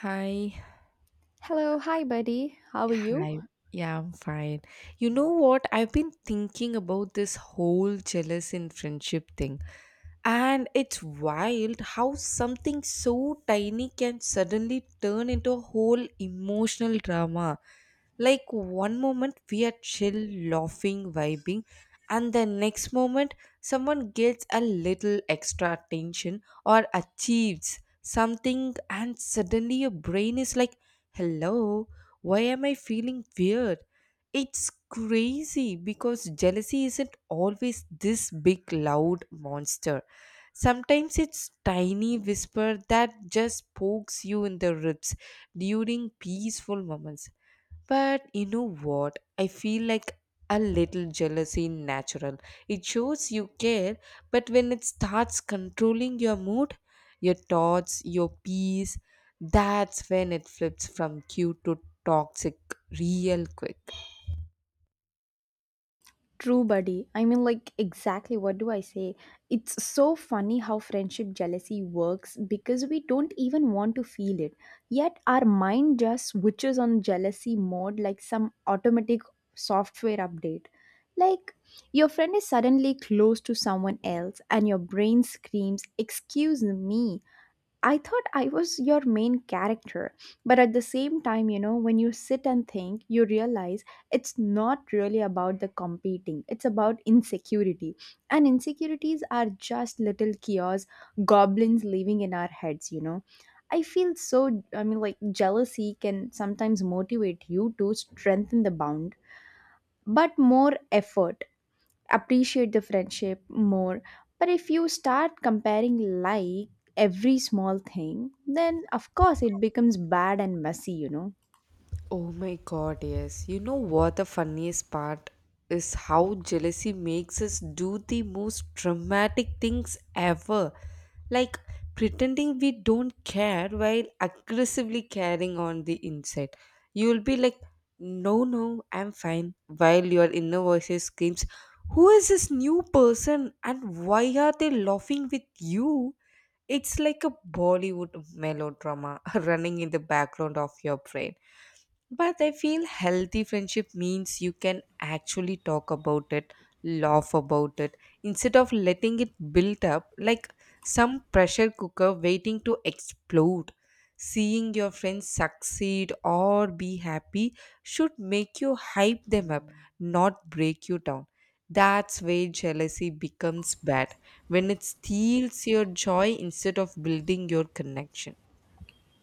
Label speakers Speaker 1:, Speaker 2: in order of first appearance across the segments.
Speaker 1: Hi,
Speaker 2: Hello, hi buddy. How are you?
Speaker 1: hi. Yeah, I'm fine. You know what? I've been thinking about this whole jealous in friendship thing. And it's wild how something so tiny can suddenly turn into a whole emotional drama. Like one moment we are chill, laughing, vibing, and the next moment someone gets a little extra attention or achieves something, and suddenly your brain is like, hello, why am I feeling weird? It's crazy because jealousy isn't always this big, loud monster. Sometimes it's tiny whisper that just pokes you in the ribs during peaceful moments. But you know what? I feel like a little jealousy in natural. It shows you care, but when it starts controlling your mood, your thoughts, your peace, that's when it flips from cute to toxic real quick.
Speaker 2: True buddy. Exactly what do I say? It's so funny how friendship jealousy works because we don't even want to feel it. Yet our mind just switches on jealousy mode like some automatic software update. Like your friend is suddenly close to someone else and your brain screams, "Excuse me." I thought I was your main character. But at the same time, you know, when you sit and think, you realize it's not really about the competing, it's about insecurity. And insecurities are just little chaos, goblins living in our heads, you know. I feel so, I mean, like Jealousy can sometimes motivate you to strengthen the bond, but more effort, appreciate the friendship more. But if you start comparing like every small thing, then of course it becomes bad and messy, you know.
Speaker 1: Oh my god, yes. You know what the funniest part is how jealousy makes us do the most dramatic things ever. Like pretending we don't care while aggressively carrying on the inside. You'll be like, no, no, I'm fine. While your inner voice screams, who is this new person and why are they laughing with you? It's like a Bollywood melodrama running in the background of your brain. But I feel healthy friendship means you can actually talk about it, laugh about it, instead of letting it build up like some pressure cooker waiting to explode. Seeing your friends succeed or be happy should make you hype them up, not break you down. That's where jealousy becomes bad when it steals your joy instead of building your connection.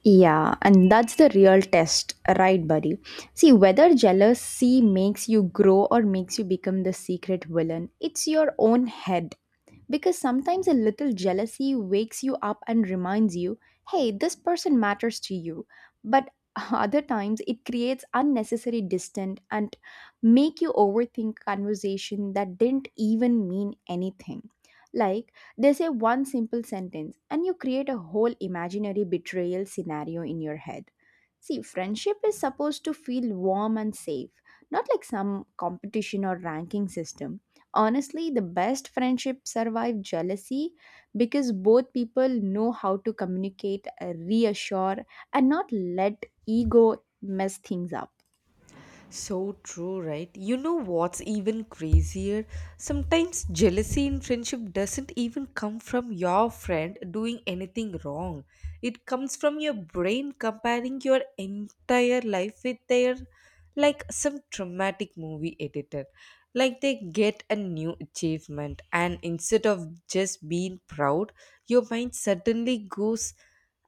Speaker 2: Yeah, and that's the real test, right, buddy? See, whether jealousy makes you grow or makes you become the secret villain, it's your own head. Because sometimes a little jealousy wakes you up and reminds you, hey, this person matters to you. But other times it creates unnecessary distance and make you overthink conversation that didn't even mean anything. Like they say one simple sentence, and you create a whole imaginary betrayal scenario in your head. See, friendship is supposed to feel warm and safe, not like some competition or ranking system. Honestly, the best friendships survive jealousy because both people know how to communicate, reassure, and not let ego mess things up.
Speaker 1: So true, right? You know what's even crazier? Sometimes jealousy in friendship doesn't even come from your friend doing anything wrong. It comes from your brain comparing your entire life with their, like some traumatic movie editor. Like they get a new achievement, and instead of just being proud, your mind suddenly goes,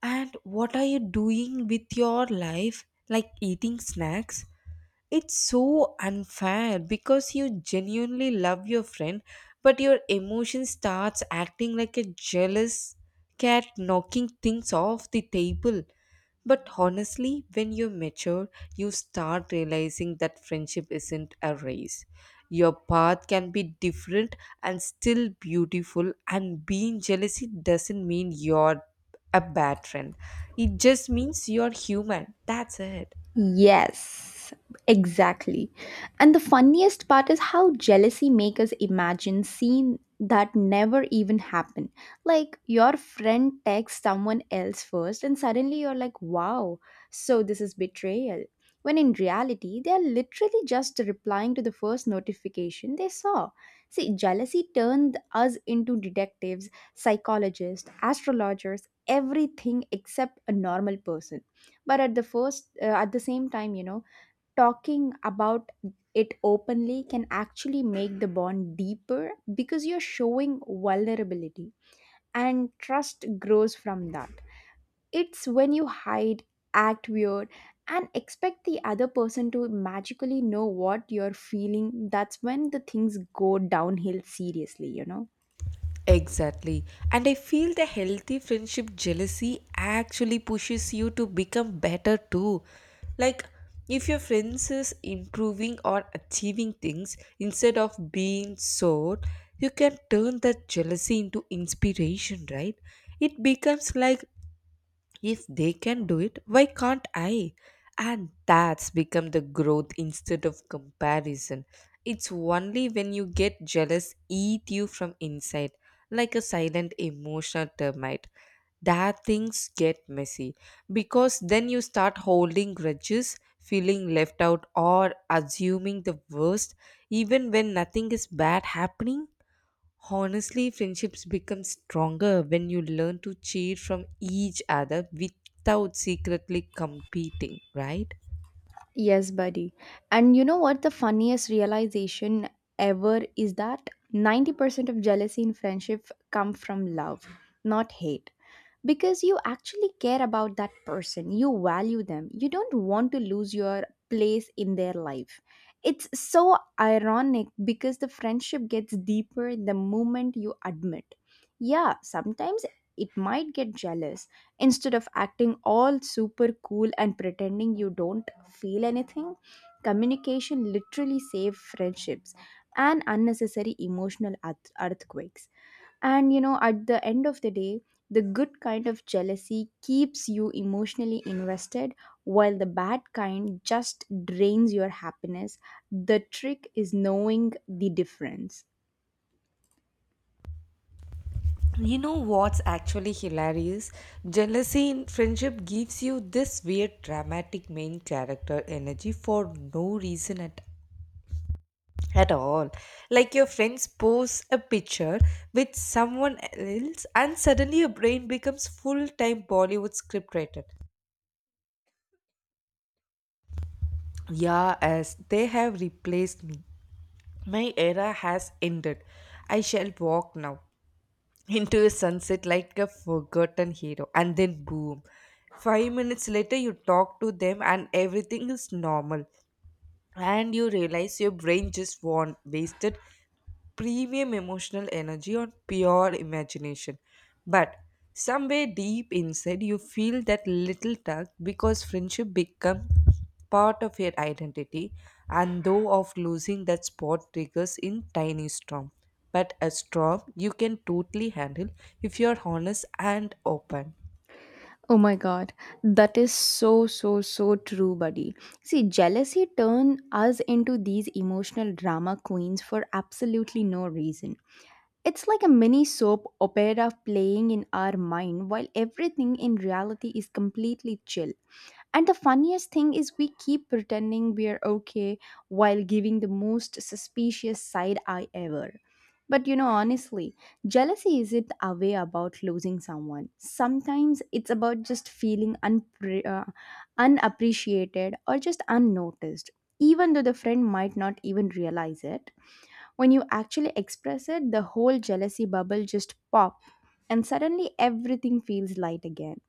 Speaker 1: and what are you doing with your life? Like eating snacks? It's so unfair because you genuinely love your friend, but your emotion starts acting like a jealous cat knocking things off the table. But honestly, when you're mature, you start realizing that friendship isn't a race. Your path can be different and still beautiful, and being jealousy doesn't mean you're a bad friend. It just means you're human. That's it.
Speaker 2: Yes, exactly. And the funniest part is how jealousy makes us imagine scene that never even happened. Like your friend texts someone else first and suddenly you're like, "Wow, so this is betrayal." When in reality, they are literally just replying to the first notification they saw. See, jealousy turned us into detectives, psychologists, astrologers, everything except a normal person, but at the same time, you know, talking about it openly can actually make the bond deeper because you're showing vulnerability and trust grows from that. It's when you hide, act weird, and expect the other person to magically know what you're feeling, that's when the things go downhill, seriously, you know.
Speaker 1: Exactly. And I feel the healthy friendship jealousy actually pushes you to become better too. Like, if your friends is improving or achieving things instead of being sour, you can turn that jealousy into inspiration, right? It becomes like, if they can do it, why can't I? And that's become the growth instead of comparison. It's only when you get jealous eat you from inside, like a silent emotional termite, that things get messy. Because then you start holding grudges, feeling left out, or assuming the worst, even when nothing is bad happening. Honestly, friendships become stronger when you learn to cheer from each other without secretly competing, right?
Speaker 2: Yes, buddy. And you know what the funniest realization ever is? That 90% of jealousy in friendship come from love, not hate. Because you actually care about that person, you value them, you don't want to lose your place in their life. It's so ironic because the friendship gets deeper the moment you admit, yeah, sometimes it might get jealous, instead of acting all super cool and pretending you don't feel anything. Communication literally saves friendships and unnecessary emotional earthquakes. And you know, at the end of the day, the good kind of jealousy keeps you emotionally invested, while the bad kind just drains your happiness. The trick is knowing the difference.
Speaker 1: You know what's actually hilarious? Jealousy in friendship gives you this weird dramatic main character energy for no reason at all. Like your friends post a picture with someone else and suddenly your brain becomes full-time Bollywood script writer. Yeah, as they have replaced me. My era has ended. I shall walk now into the sunset like a forgotten hero. And then boom. 5 minutes later, you talk to them, and everything is normal and you realize your brain just want wasted premium emotional energy on pure imagination. But somewhere deep inside you feel that little tug because friendship become part of your identity, and though of losing that spot triggers in tiny storm, but a storm you can totally handle if you're honest and open.
Speaker 2: Oh my god, that is so so so true, buddy. See, jealousy turn us into these emotional drama queens for absolutely no reason. It's like a mini soap opera playing in our mind while everything in reality is completely chill. And the funniest thing is, we keep pretending we're okay while giving the most suspicious side eye ever. But you know, honestly, jealousy isn't away about losing someone. Sometimes it's about just feeling unappreciated or just unnoticed, even though the friend might not even realize it. When you actually express it, the whole jealousy bubble just pops, and suddenly everything feels light again.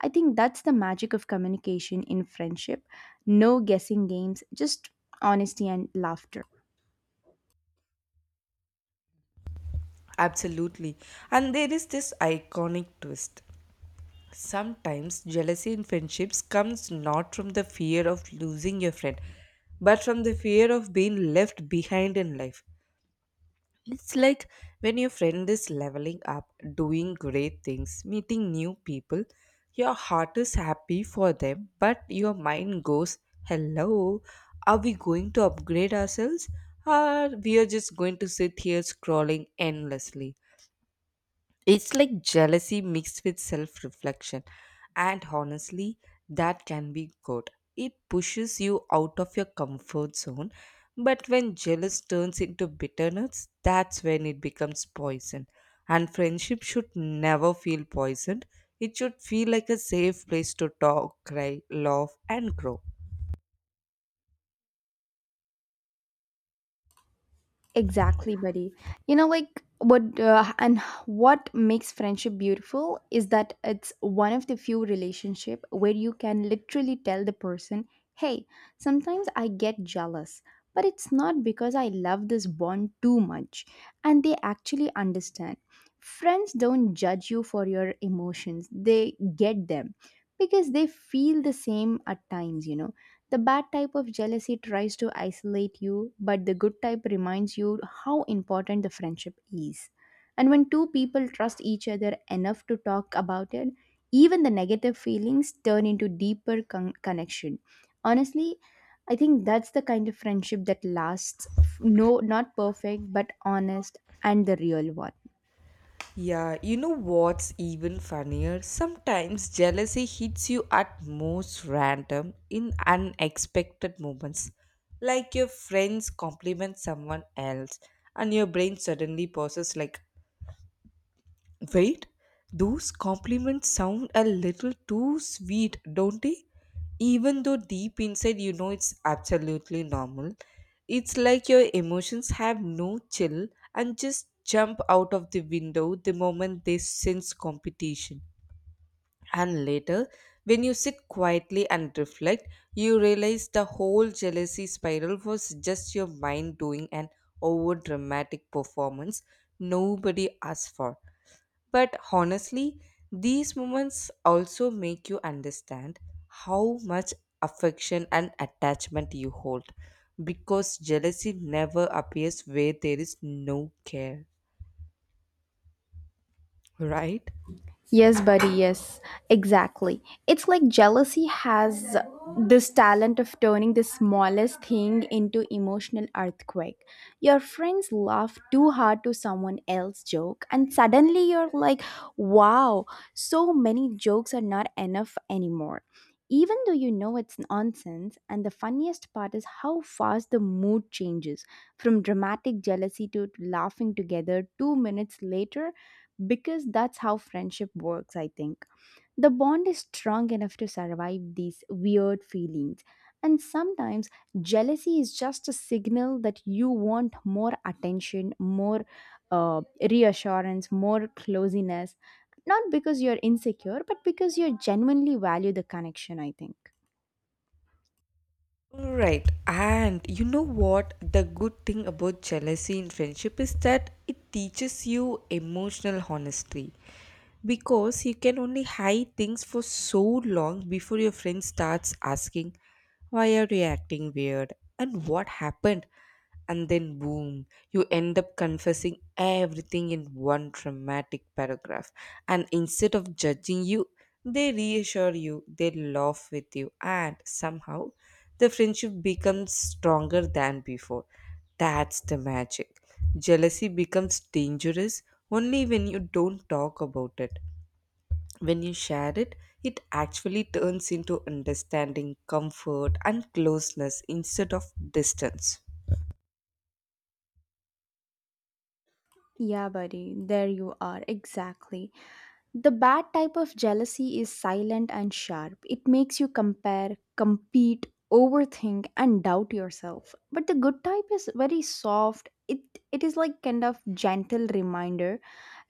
Speaker 2: I think that's the magic of communication in friendship. No guessing games, just honesty and laughter.
Speaker 1: Absolutely. And there is this iconic twist. Sometimes jealousy in friendships comes not from the fear of losing your friend, but from the fear of being left behind in life. It's like when your friend is leveling up, doing great things, meeting new people, your heart is happy for them, but your mind goes, hello, are we going to upgrade ourselves? Or we are just going to sit here scrolling endlessly? It's like jealousy mixed with self reflection. And honestly, that can be good. It pushes you out of your comfort zone. But when jealous turns into bitterness, that's when it becomes poison. And friendship should never feel poisoned. It should feel like a safe place to talk, cry, laugh, and grow.
Speaker 2: Exactly, buddy. You know, like what uh, and what makes friendship beautiful is that it's one of the few relationship where you can literally tell the person, "Hey, sometimes I get jealous, but it's not because I love this bond too much." And they actually understand. Friends don't judge you for your emotions. They get them because they feel the same at times, you know. The bad type of jealousy tries to isolate you, but the good type reminds you how important the friendship is. And when two people trust each other enough to talk about it, even the negative feelings turn into deeper connection. Honestly, I think that's the kind of friendship that lasts. No, not perfect, but honest and the real one.
Speaker 1: Yeah, you know what's even funnier? Sometimes jealousy hits you at most random in unexpected moments. Like your friends compliment someone else and your brain suddenly pauses like, wait, those compliments sound a little too sweet, don't they? Even though deep inside you know it's absolutely normal, it's like your emotions have no chill and just jump out of the window the moment they sense competition. And later, when you sit quietly and reflect, you realize the whole jealousy spiral was just your mind doing an over dramatic performance nobody asked for. But honestly, these moments also make you understand how much affection and attachment you hold because jealousy never appears where there is no care, right?
Speaker 2: Yes, buddy, yes, exactly. It's like jealousy has this talent of turning the smallest thing into emotional earthquake. Your friends laugh too hard to someone else's joke and suddenly you're like, "Wow, so many jokes are not enough anymore." Even though you know it's nonsense, and the funniest part is how fast the mood changes from dramatic jealousy to laughing together 2 minutes later, because that's how friendship works, I think. The bond is strong enough to survive these weird feelings. And sometimes jealousy is just a signal that you want more attention, more uh, reassurance, more closeness. Not because you're insecure, but because you genuinely value the connection, I think.
Speaker 1: Right. And you know what? The good thing about jealousy in friendship is that it teaches you emotional honesty. Because you can only hide things for so long before your friend starts asking, why are you acting weird? And what happened? And then, boom, you end up confessing everything in one dramatic paragraph. And instead of judging you, they reassure you, they laugh with you, and somehow the friendship becomes stronger than before. That's the magic. Jealousy becomes dangerous only when you don't talk about it. When you share it, it actually turns into understanding, comfort, and closeness instead of distance.
Speaker 2: Yeah, buddy, there you are, exactly. The bad type of jealousy is silent and sharp. It makes you compare, compete, overthink, and doubt yourself. But the good type is very soft. It is like kind of gentle reminder,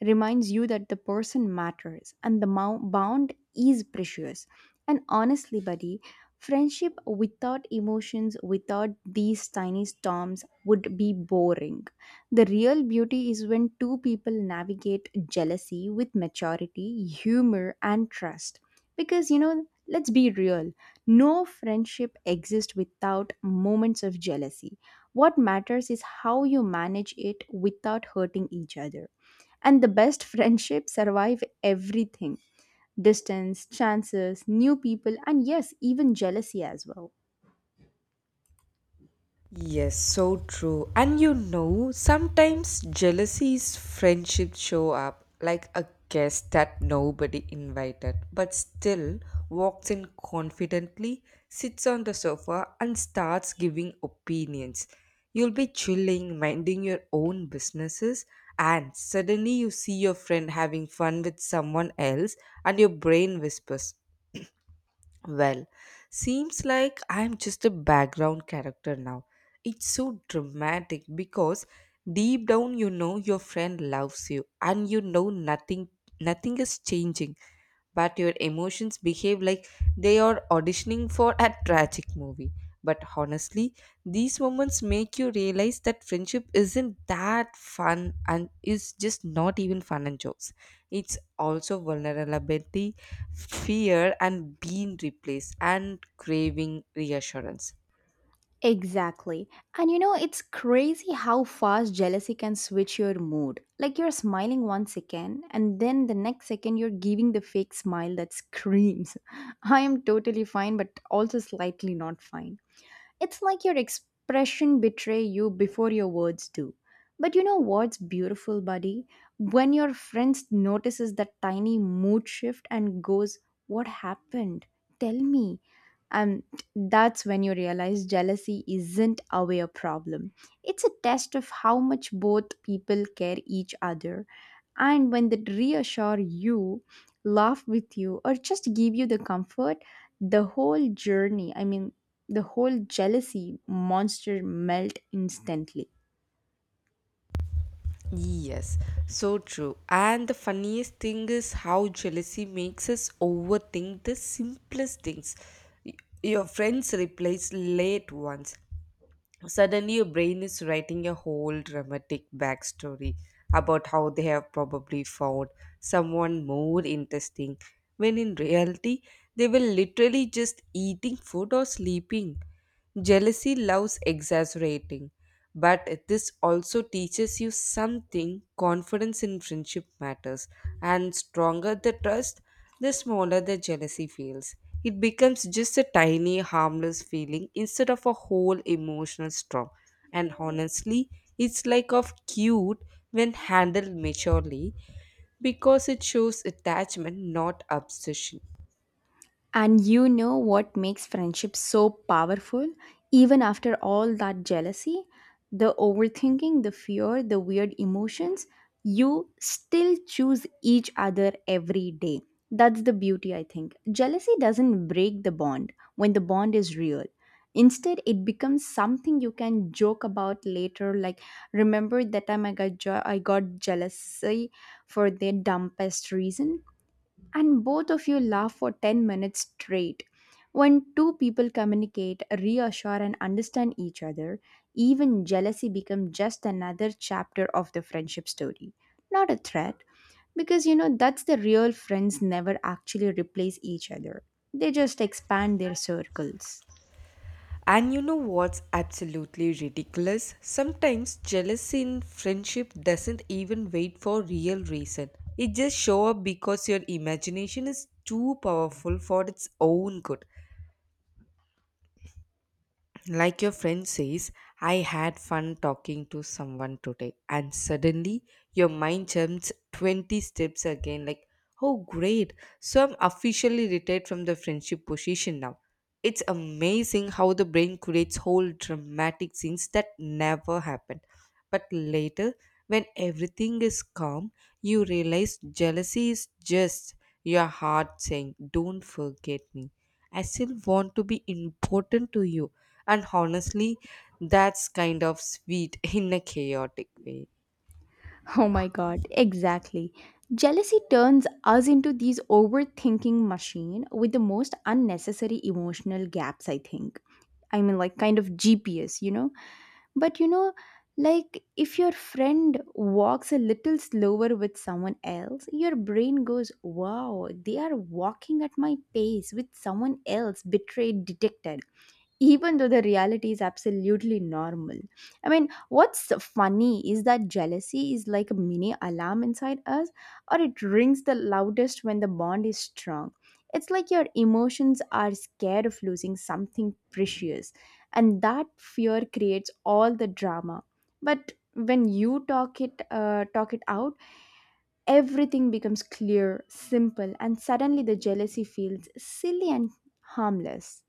Speaker 2: reminds you that the person matters and the bond is precious. And honestly, buddy, friendship without emotions, without these tiny storms, would be boring. The real beauty is when two people navigate jealousy with maturity, humor, and trust. Because, you know, let's be real, no friendship exists without moments of jealousy. What matters is how you manage it without hurting each other. And the best friendships survive everything: distance, chances, new people, and yes, even jealousy as well.
Speaker 1: Yes, so true. And you know, sometimes jealousy's friendships show up like a guest that nobody invited, but still walks in confidently, sits on the sofa, and starts giving opinions. You'll be chilling, minding your own businesses, and suddenly you see your friend having fun with someone else, and your brain whispers, well, seems like I'm just a background character now. It's so dramatic because deep down you know your friend loves you and you know nothing is changing, but your emotions behave like they are auditioning for a tragic movie. But honestly, these moments make you realize that friendship isn't that fun and is just not even fun and jokes. It's also vulnerability, fear, and being replaced and craving reassurance.
Speaker 2: Exactly. And you know, it's crazy how fast jealousy can switch your mood. Like you're smiling one second, and then the next second, you're giving the fake smile that screams, I am totally fine, but also slightly not fine. It's like your expression betray you before your words do. But you know what's beautiful, buddy? When your friends notices that tiny mood shift and goes, "What happened? Tell me." And that's when you realize jealousy isn't away a problem. It's a test of how much both people care each other. And when they reassure you, laugh with you, or just give you the comfort, the whole journey, I mean, the whole jealousy monster melt instantly.
Speaker 1: Yes, so true. And the funniest thing is how jealousy makes us overthink the simplest things. Y- Your friends replies late once. Suddenly, your brain is writing a whole dramatic backstory about how they have probably found someone more interesting, when in reality, they were literally just eating food or sleeping. Jealousy loves exaggerating, but this also teaches you something confidence in friendship matters. And stronger the trust, the smaller the jealousy feels. It becomes just a tiny, harmless feeling instead of a whole emotional storm. And honestly, it's like of cute when handled maturely because it shows attachment, not obsession.
Speaker 2: And you know what makes friendship so powerful? Even after all that jealousy, the overthinking, the fear, the weird emotions, you still choose each other every day. That's the beauty, I think. Jealousy doesn't break the bond when the bond is real. Instead, it becomes something you can joke about later, like, remember that time I got, I got jealousy for the dumbest reason? And both of you laugh for 10 minutes straight. When two people communicate, reassure, and understand each other, even jealousy becomes just another chapter of the friendship story, not a threat, because you know that's the real friends never actually replace each other, they just expand their circles.
Speaker 1: And you know what's absolutely ridiculous? Sometimes jealousy in friendship doesn't even wait for real reason. It just show up because your imagination is too powerful for its own good. Like your friend says, I had fun talking to someone today, and suddenly your mind jumps 20 steps again. Like, oh, great! So I'm officially retired from the friendship position now. It's amazing how the brain creates whole dramatic scenes that never happened. But later, when everything is calm, you realize jealousy is just your heart saying, don't forget me. I still want to be important to you, and honestly that's kind of sweet in a chaotic way.
Speaker 2: Oh my god, exactly. Jealousy turns us into these overthinking machine with the most unnecessary emotional gaps, I think. I mean, like kind of GPS, you know. But you know, like if your friend walks a little slower with someone else, your brain goes, wow, they are walking at my pace with someone else, betrayed, detected, even though the reality is absolutely normal. I mean, what's funny is that jealousy is like a mini alarm inside us, or it rings the loudest when the bond is strong. It's like your emotions are scared of losing something precious, and that fear creates all the drama. But when you talk it out, everything becomes clear, simple, and suddenly the jealousy feels silly and harmless.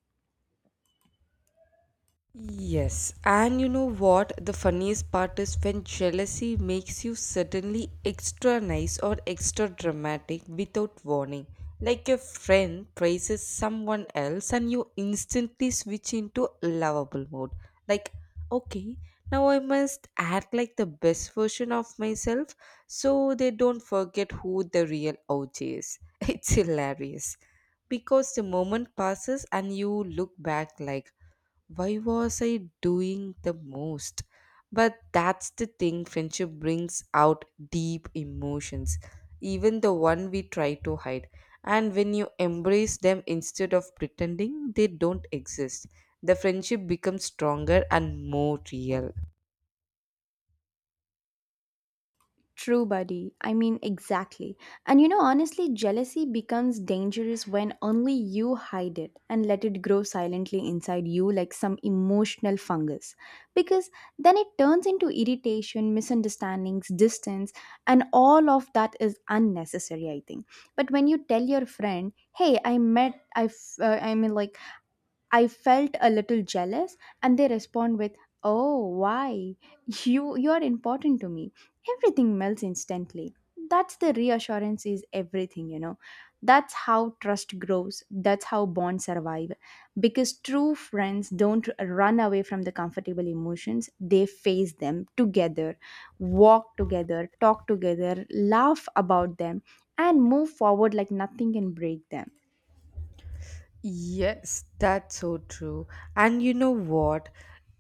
Speaker 1: Yes, and you know what? The funniest part is when jealousy makes you suddenly extra nice or extra dramatic without warning. Like your friend praises someone else and you instantly switch into lovable mode. Like, okay, now I must act like the best version of myself so they don't forget who the real OG is. It's hilarious because the moment passes and you look back like, why was I doing the most? But that's the thing, friendship brings out deep emotions, even the one we try to hide. And when you embrace them instead of pretending they don't exist, the friendship becomes stronger and more real.
Speaker 2: True, buddy. I mean, exactly. And you know, honestly, jealousy becomes dangerous when only you hide it and let it grow silently inside you like some emotional fungus. Because then it turns into irritation, misunderstandings, distance, and all of that is unnecessary, I think. But when you tell your friend, hey, I met, I, f- I mean, like, I felt a little jealous, and they respond with, "Oh, why? You are important to me." Everything melts instantly. That's the reassurance is everything, you know. That's how trust grows. That's how bonds survive. Because true friends don't run away from the comfortable emotions. They face them together, walk together, talk together, laugh about them, and move forward like nothing can break them.
Speaker 1: Yes, that's so true. And you know what?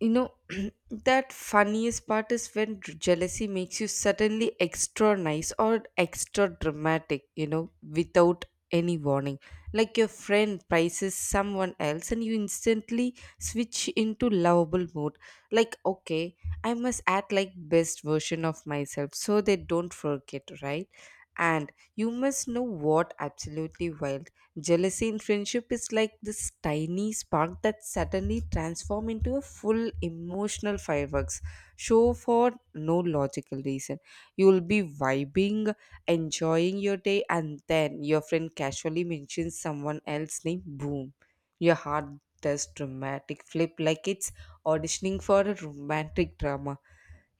Speaker 1: You know, that funniest part is when jealousy makes you suddenly extra nice or extra dramatic, you know, without any warning. Like your friend praises someone else and you instantly switch into lovable mode. Like, okay, I must act like best version of myself so they don't forget, right? And you must know what absolutely wild. Jealousy in friendship is like this tiny spark that suddenly transforms into a full emotional fireworks show for no logical reason. You will be vibing, enjoying your day, and then your friend casually mentions someone else's name. Boom. Your heart does dramatic flip like it's auditioning for a romantic drama.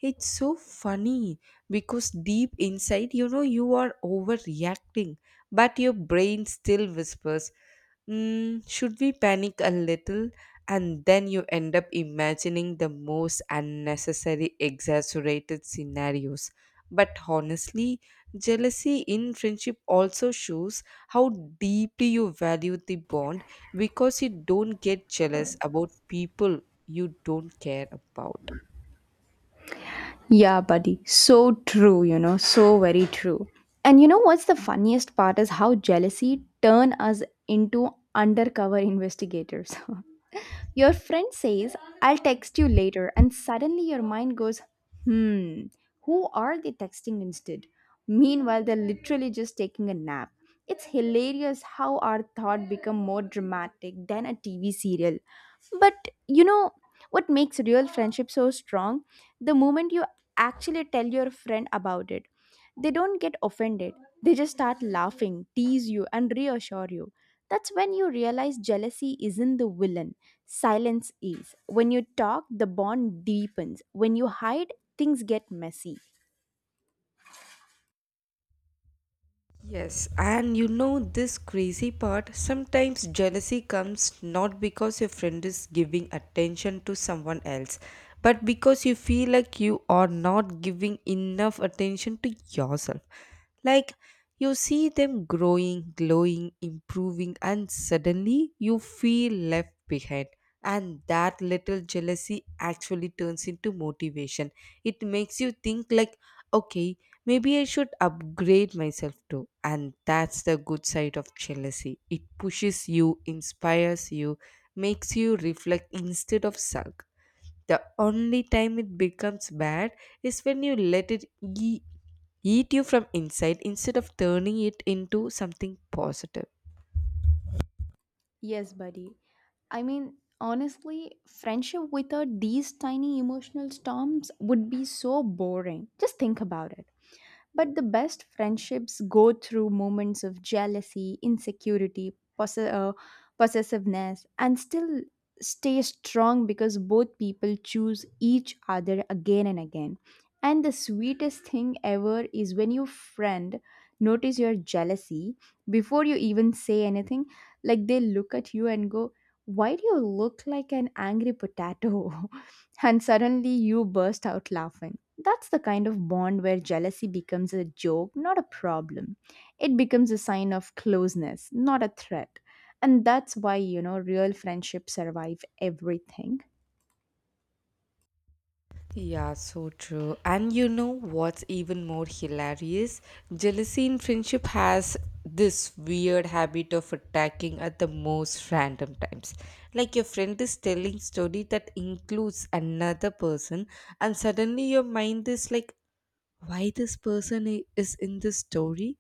Speaker 1: It's so funny because deep inside, you are overreacting, but your brain still whispers, should we panic a little? And then you end up imagining the most unnecessary, exaggerated scenarios. But honestly, jealousy in friendship also shows how deeply you value the bond because you don't get jealous about people you don't care about.
Speaker 2: Yeah, buddy. So true, you know, so very true. And you know what's the funniest part is how jealousy turn us into undercover investigators. Your friend says, I'll text you later, and suddenly your mind goes, hmm, who are they texting instead? Meanwhile, they're literally just taking a nap. It's hilarious how our thought become more dramatic than a TV serial. But you know what makes real friendship so strong? The moment you actually tell your friend about it. They don't get offended, they just start laughing, tease you, and reassure you. That's when you realize jealousy isn't the villain, silence is. When you talk, the bond deepens. When you hide, things get messy.
Speaker 1: Yes, and you know this crazy part sometimes jealousy comes not because your friend is giving attention to someone else, but because you feel like you are not giving enough attention to yourself. Like you see them growing, glowing, improving, and suddenly you feel left behind. And that little jealousy actually turns into motivation. It makes you think, like, okay, maybe I should upgrade myself too. And that's the good side of jealousy. It pushes you, inspires you, makes you reflect instead of sulk. The only time it becomes bad is when you let it eat you from inside instead of turning it into something positive.
Speaker 2: Yes, buddy. I mean, honestly, friendship without these tiny emotional storms would be so boring. Just think about it. But the best friendships go through moments of jealousy, insecurity, possessiveness, and still stay strong because both people choose each other again and again. And the sweetest thing ever is when your friend notice your jealousy before you even say anything, like they look at you and go, "Why do you look like an angry potato?" And suddenly you burst out laughing. That's the kind of bond where jealousy becomes a joke, not a problem. It becomes a sign of closeness, not a threat. And that's why, real friendships survive everything.
Speaker 1: Yeah, so true. And you know what's even more hilarious? Jealousy in friendship has this weird habit of attacking at the most random times. Like your friend is telling story that includes another person and suddenly your mind is like why this is in this story,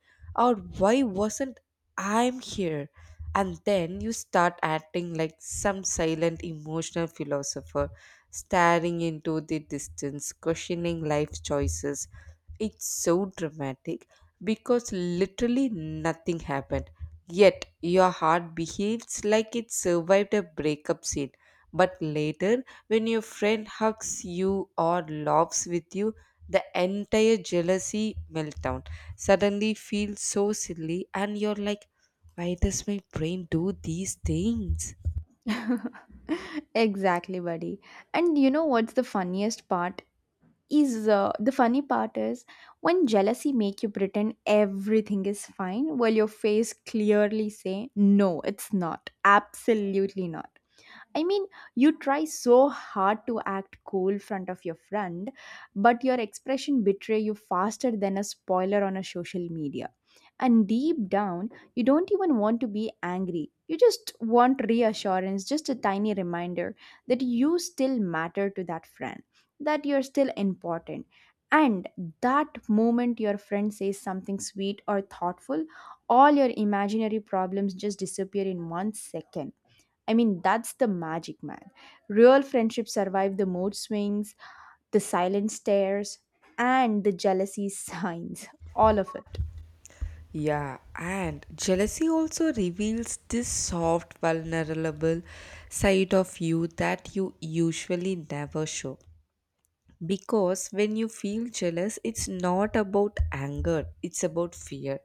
Speaker 1: or why wasn't I'm here? And then you start acting like some silent emotional philosopher, staring into the distance, questioning life choices. It's so dramatic because literally nothing happened. Yet your heart behaves like it survived a breakup scene. But later, when your friend hugs you or laughs with you, the entire jealousy meltdown suddenly feels so silly and you're like, why does my brain do these things?
Speaker 2: Exactly, buddy. And you know what's the funniest part? Is the funny part is when jealousy make you pretend everything is fine, while your face clearly say no, it's not, absolutely not. I mean, you try so hard to act cool front of your friend, but your expression betray you faster than a spoiler on a social media. And deep down, you don't even want to be angry. You just want reassurance, just a tiny reminder that you still matter to that friend, that you're still important. And that moment your friend says something sweet or thoughtful, all your imaginary problems just disappear in 1 second. I mean, that's the magic, man. Real friendships survive the mood swings, the silent stares, and the jealousy signs. All of it.
Speaker 1: Yeah, and jealousy also reveals this soft vulnerable side of you that you usually never show, because when you feel jealous it's not about anger, it's about fear.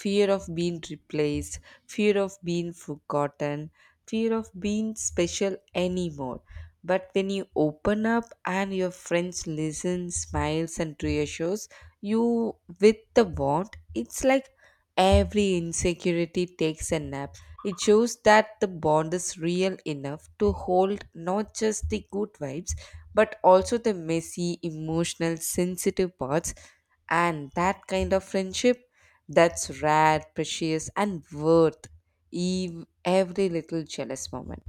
Speaker 1: Fear of being replaced, fear of being forgotten, fear of being special anymore. But when you open up and your friends listen, smiles, and reassures you with the warmth, it's like every insecurity takes a nap. It shows that the bond is real enough to hold not just the good vibes but also the messy, emotional, sensitive parts. And that kind of friendship, that's rare, precious, and worth every little jealous moment.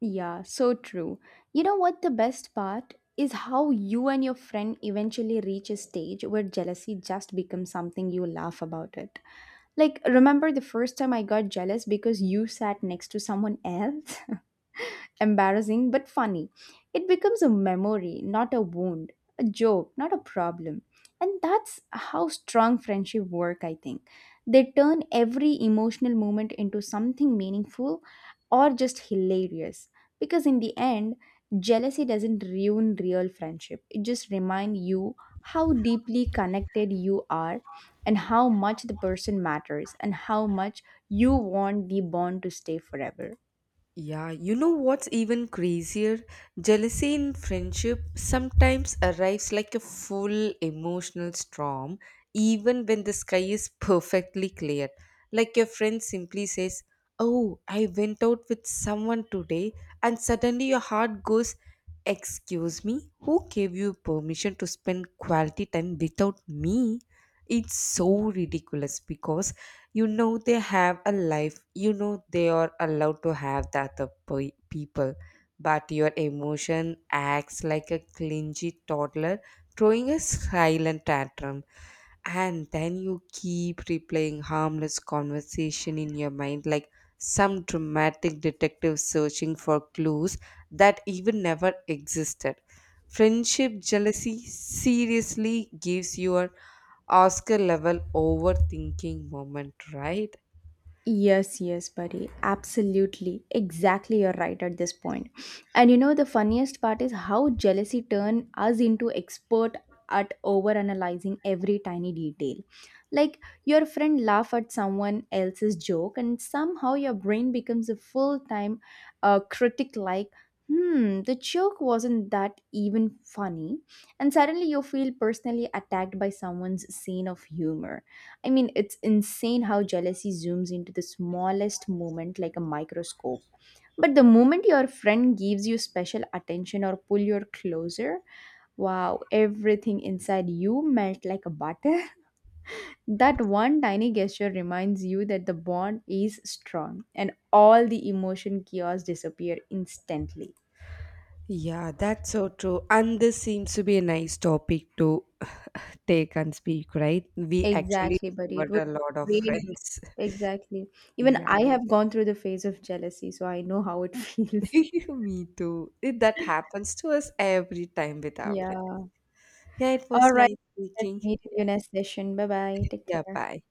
Speaker 2: Yeah, so true. You know what the best part is? How you and your friend eventually reach a stage where jealousy just becomes something you laugh about it. Like, remember the first time I got jealous because you sat next to someone else? Embarrassing but funny. It becomes a memory, not a wound, a joke, not a problem. And that's how strong friendship work, I think. They turn every emotional moment into something meaningful or just hilarious. Because in the end, jealousy doesn't ruin real friendship. It just reminds you how deeply connected you are and how much the person matters and how much you want the bond to stay forever.
Speaker 1: Yeah, you know what's even crazier? Jealousy in friendship sometimes arrives like a full emotional storm, even when the sky is perfectly clear. Like your friend simply says, "Oh, I went out with someone today," and suddenly your heart goes, "Excuse me, who gave you permission to spend quality time without me?" It's so ridiculous because you know they have a life, you know they are allowed to have the other people, but your emotion acts like a clingy toddler throwing a silent tantrum. And then you keep replaying harmless conversation in your mind like some dramatic detective searching for clues that even never existed. Friendship jealousy seriously gives your Oscar level overthinking moment, right?
Speaker 2: Yes, yes, buddy. Absolutely. Exactly, you're right at this point. And the funniest part is how jealousy turned us into expert at overanalyzing every tiny detail. Like your friend laugh at someone else's joke, and somehow your brain becomes a full-time critic. Like, hmm, the joke wasn't that even funny, and suddenly you feel personally attacked by someone's scene of humor. I mean, it's insane how jealousy zooms into the smallest moment like a microscope. But the moment your friend gives you special attention or pull you closer, wow, everything inside you melt like a butter. That one tiny gesture reminds you that the bond is strong and all the emotion chaos disappear instantly.
Speaker 1: Yeah, that's so true. And this seems to be a nice topic to take and speak, right? We actually
Speaker 2: Exactly, buddy. It
Speaker 1: covered
Speaker 2: was
Speaker 1: a lot of
Speaker 2: great.
Speaker 1: friends.
Speaker 2: Exactly. Even
Speaker 1: Yeah,
Speaker 2: I have gone through the phase of jealousy, so I know how it feels.
Speaker 1: me too. It, that happens to us every time with our friends.
Speaker 2: Yeah.
Speaker 1: Yeah, it was
Speaker 2: All right.
Speaker 1: nice
Speaker 2: Let's
Speaker 1: speaking.
Speaker 2: meet in
Speaker 1: Yeah,
Speaker 2: your next session. Bye bye. Take
Speaker 1: yeah
Speaker 2: care.
Speaker 1: bye.